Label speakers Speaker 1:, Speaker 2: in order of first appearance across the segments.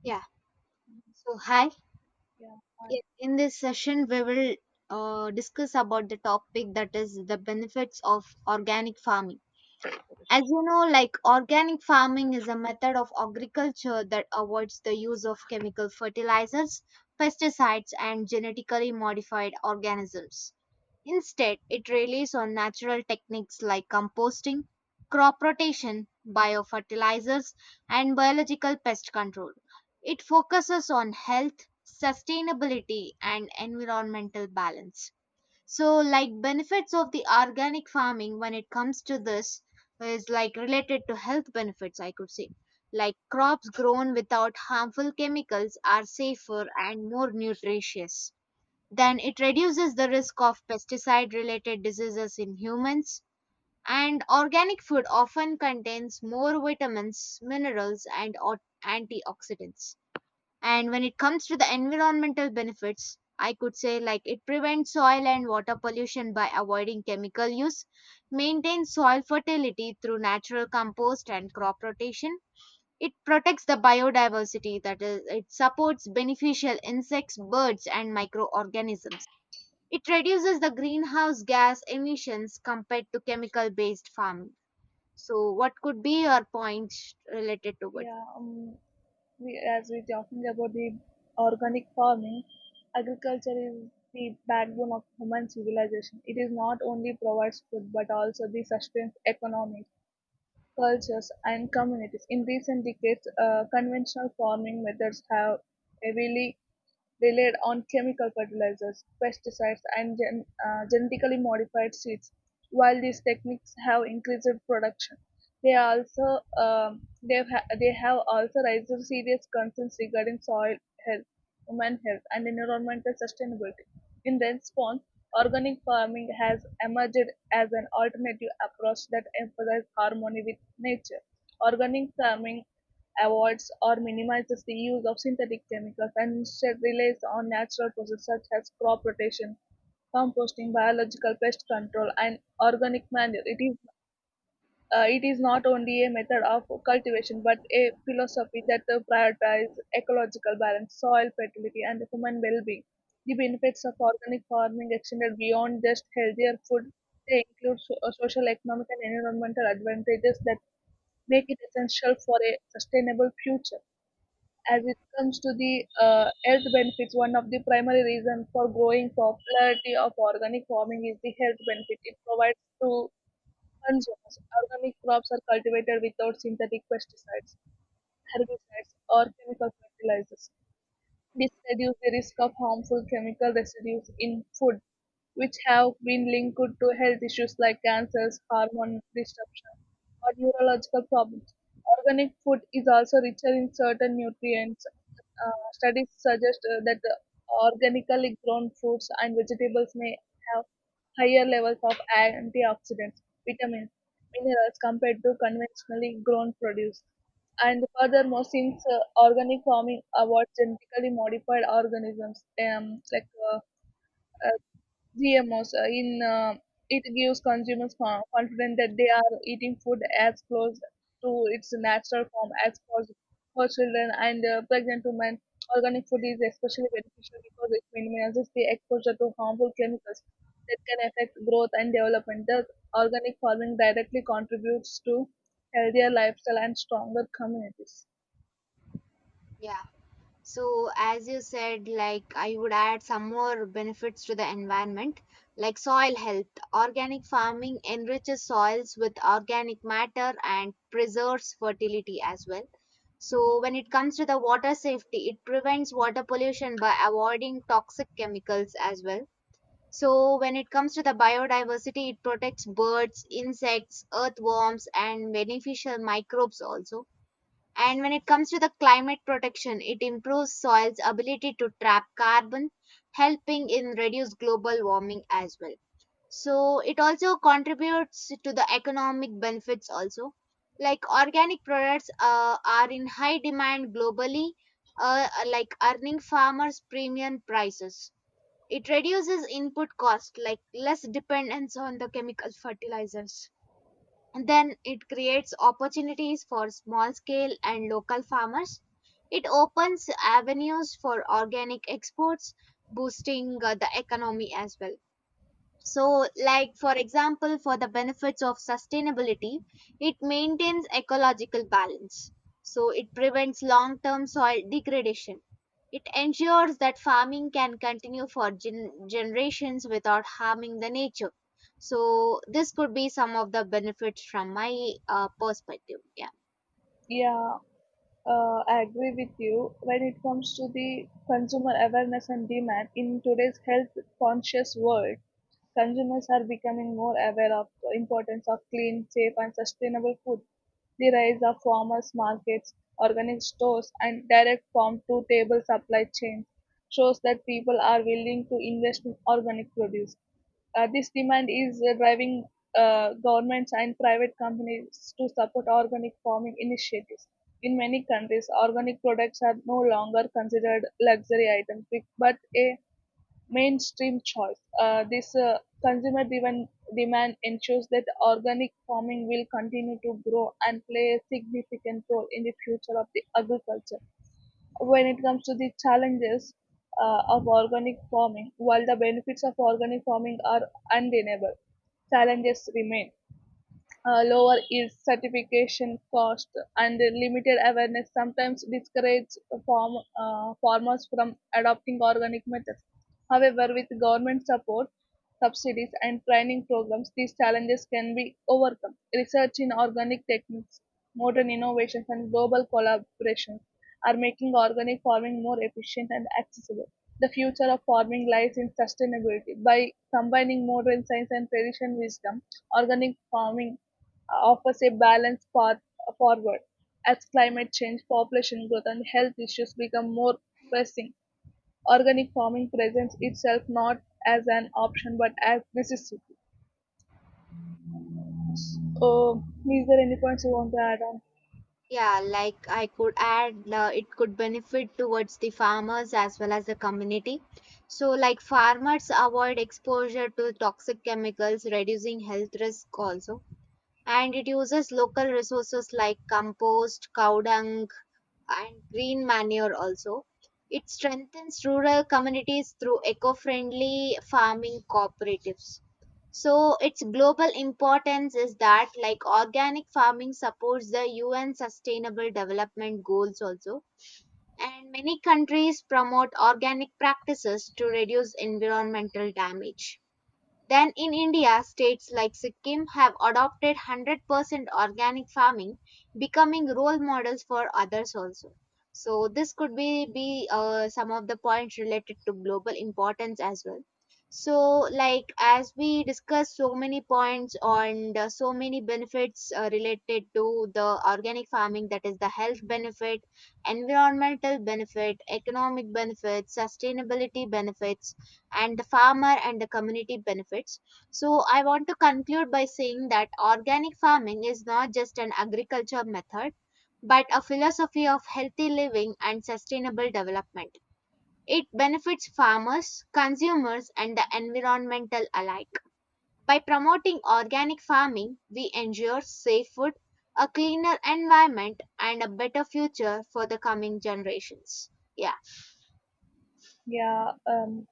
Speaker 1: Yeah. So hi.
Speaker 2: Yeah, hi.
Speaker 1: Yeah, in this session, we will discuss about the topic that is the benefits of organic farming. As you know, like organic farming is a method of agriculture that avoids the use of chemical fertilizers, pesticides, and genetically modified organisms. Instead, it relies on natural techniques like composting, crop rotation, biofertilizers, and biological pest control. It focuses on health, sustainability, and environmental balance. So, like benefits of the organic farming when it comes to this is like related to health benefits, I could say. Like crops grown without harmful chemicals are safer and more nutritious. Then it reduces the risk of pesticide related diseases in humans. And organic food often contains more vitamins, minerals, and antioxidants. And when it comes to the environmental benefits, I could say like it prevents soil and water pollution by avoiding chemical use, maintains soil fertility through natural compost and crop rotation. It protects the biodiversity, that is, it supports beneficial insects, birds, and microorganisms. It reduces the greenhouse gas emissions compared to chemical-based farming. So, what could be your points related to it?
Speaker 2: Yeah, um, we as we're talking about the organic farming, agriculture is the backbone of human civilization. It is not only provides food but also the sustains economies, cultures, and communities. In recent decades, conventional farming methods have heavily relied on chemical fertilizers, pesticides, and genetically modified seeds. While these techniques have increased production, they also they have ha- they have also raised serious concerns regarding soil health, human health, and environmental sustainability. In response, organic farming has emerged as an alternative approach that emphasizes harmony with nature. Organic farming avoids or minimizes the use of synthetic chemicals and instead relies on natural processes such as crop rotation, composting, biological pest control, and organic manure. It is not only a method of cultivation but a philosophy that prioritizes ecological balance, soil fertility, and human well being. The benefits of organic farming extended beyond just healthier food, they include social, economic, and environmental advantages that make it essential for a sustainable future. As it comes to the health benefits, one of the primary reasons for growing popularity of organic farming is the health benefit it provides to urban zones. Organic crops are cultivated without synthetic pesticides, herbicides, or chemical fertilizers. This reduces the risk of harmful chemical residues in food, which have been linked to health issues like cancers, hormone disruption, or neurological problems. Organic food is also richer in certain nutrients. Studies suggest that organically grown fruits and vegetables may have higher levels of antioxidants, vitamins, minerals compared to conventionally grown produce. And furthermore, since organic farming avoids genetically modified organisms uh, GMOs, in it gives consumers confidence that they are eating food as close to its natural form as possible. For children and pregnant women, organic food is especially beneficial because it minimizes the exposure to harmful chemicals that can affect growth and development. Thus, organic farming directly contributes to healthier lifestyle and stronger communities.
Speaker 1: Yeah. So, as you said, like I would add some more benefits to the environment, like soil health. Organic farming enriches soils with organic matter and preserves fertility as well. So, when it comes to the water safety, it prevents water pollution by avoiding toxic chemicals as well. So, when it comes to the biodiversity, it protects birds, insects, earthworms, and beneficial microbes also. And when it comes to the climate protection, it improves soil's ability to trap carbon, helping in reduce global warming as well. So, it also contributes to the economic benefits also. Like organic products are in high demand globally, like earning farmers premium prices. It reduces input cost, like less dependence on the chemical fertilizers. And then it creates opportunities for small scale and local farmers. It opens avenues for organic exports, boosting the economy as well. So like for example for the benefits of sustainability, it maintains ecological balance, so it prevents long term soil degradation. It ensures that farming can continue for generations without harming the nature. So this could be some of the benefits from my perspective, yeah.
Speaker 2: Yeah, I agree with you. When it comes to the consumer awareness and demand in today's health conscious world, consumers are becoming more aware of the importance of clean, safe, and sustainable food. The rise of farmers markets, organic stores, and direct farm-to-table supply chains shows that people are willing to invest in organic produce. This demand is driving governments and private companies to support organic farming initiatives. In many countries, organic products are no longer considered luxury items but a mainstream choice. This Consumer driven demand ensures that organic farming will continue to grow and play a significant role in the future of the agriculture. When it comes to the challenges, of organic farming, while the benefits of organic farming are undeniable, challenges remain, lower is certification cost and limited awareness sometimes discourage farmers from adopting organic methods. However, with government support, subsidies, and training programs, these challenges can be overcome. Research in organic techniques, modern innovations, and global collaborations are making organic farming more efficient and accessible. The future of farming lies in sustainability. By combining modern science and traditional wisdom, organic farming offers a balanced path forward. As climate change, population growth, and health issues become more pressing, organic farming presents itself not as an option but as necessity. So, is there any points you want to add on?
Speaker 1: Yeah, like I could add, it could benefit towards the farmers as well as the community. So, like farmers avoid exposure to toxic chemicals, reducing health risk also. And it uses local resources like compost, cow dung, and green manure also. It strengthens rural communities through eco-friendly farming cooperatives. So its global importance is that like organic farming supports the UN sustainable development goals also, and many countries promote organic practices to reduce environmental damage. Then in India, states like Sikkim have adopted 100% organic farming, becoming role models for others also. So this could be, some of the points related to global importance as well. So like as we discussed so many points on the, so many benefits related to the organic farming, that is the health benefit, environmental benefit, economic benefits, sustainability benefits, and the farmer and the community benefits. So, I want to conclude by saying that organic farming is not just an agriculture method, but a philosophy of healthy living and sustainable development. It benefits farmers, consumers, and the environmental alike. By promoting organic farming, we ensure safe food, a cleaner environment, and a better future for the coming generations. Yeah.
Speaker 2: Yeah, um,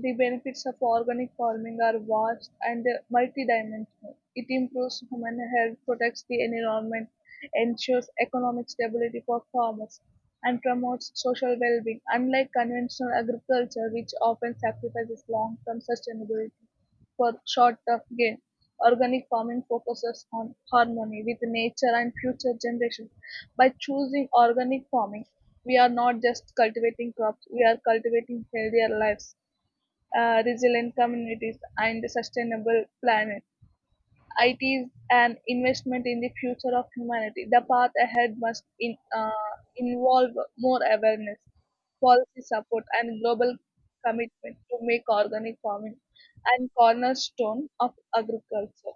Speaker 2: The benefits of organic farming are vast and multidimensional. It improves human health, protects the environment, ensures economic stability for farmers, and promotes social well being, unlike conventional agriculture, which often sacrifices long term sustainability for short term gain. Organic farming focuses on harmony with nature and future generations. By choosing organic farming, we are not just cultivating crops, we are cultivating healthier lives, resilient communities, and sustainable planet. It is an investment in the future of humanity. The path ahead must involve more awareness, policy support, and global commitment to make organic farming and cornerstone of agriculture.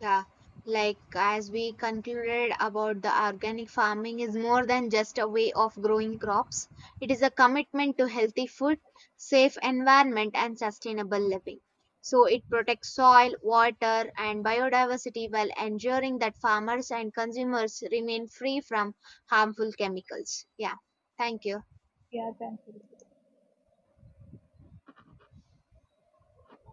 Speaker 1: Yeah, like as we concluded about the organic farming is more than just a way of growing crops. It is a commitment to healthy food, safe environment and sustainable living. So it protects soil, water and biodiversity while ensuring that farmers and consumers remain free from harmful chemicals. Yeah. Thank you.
Speaker 2: Yeah, thank you.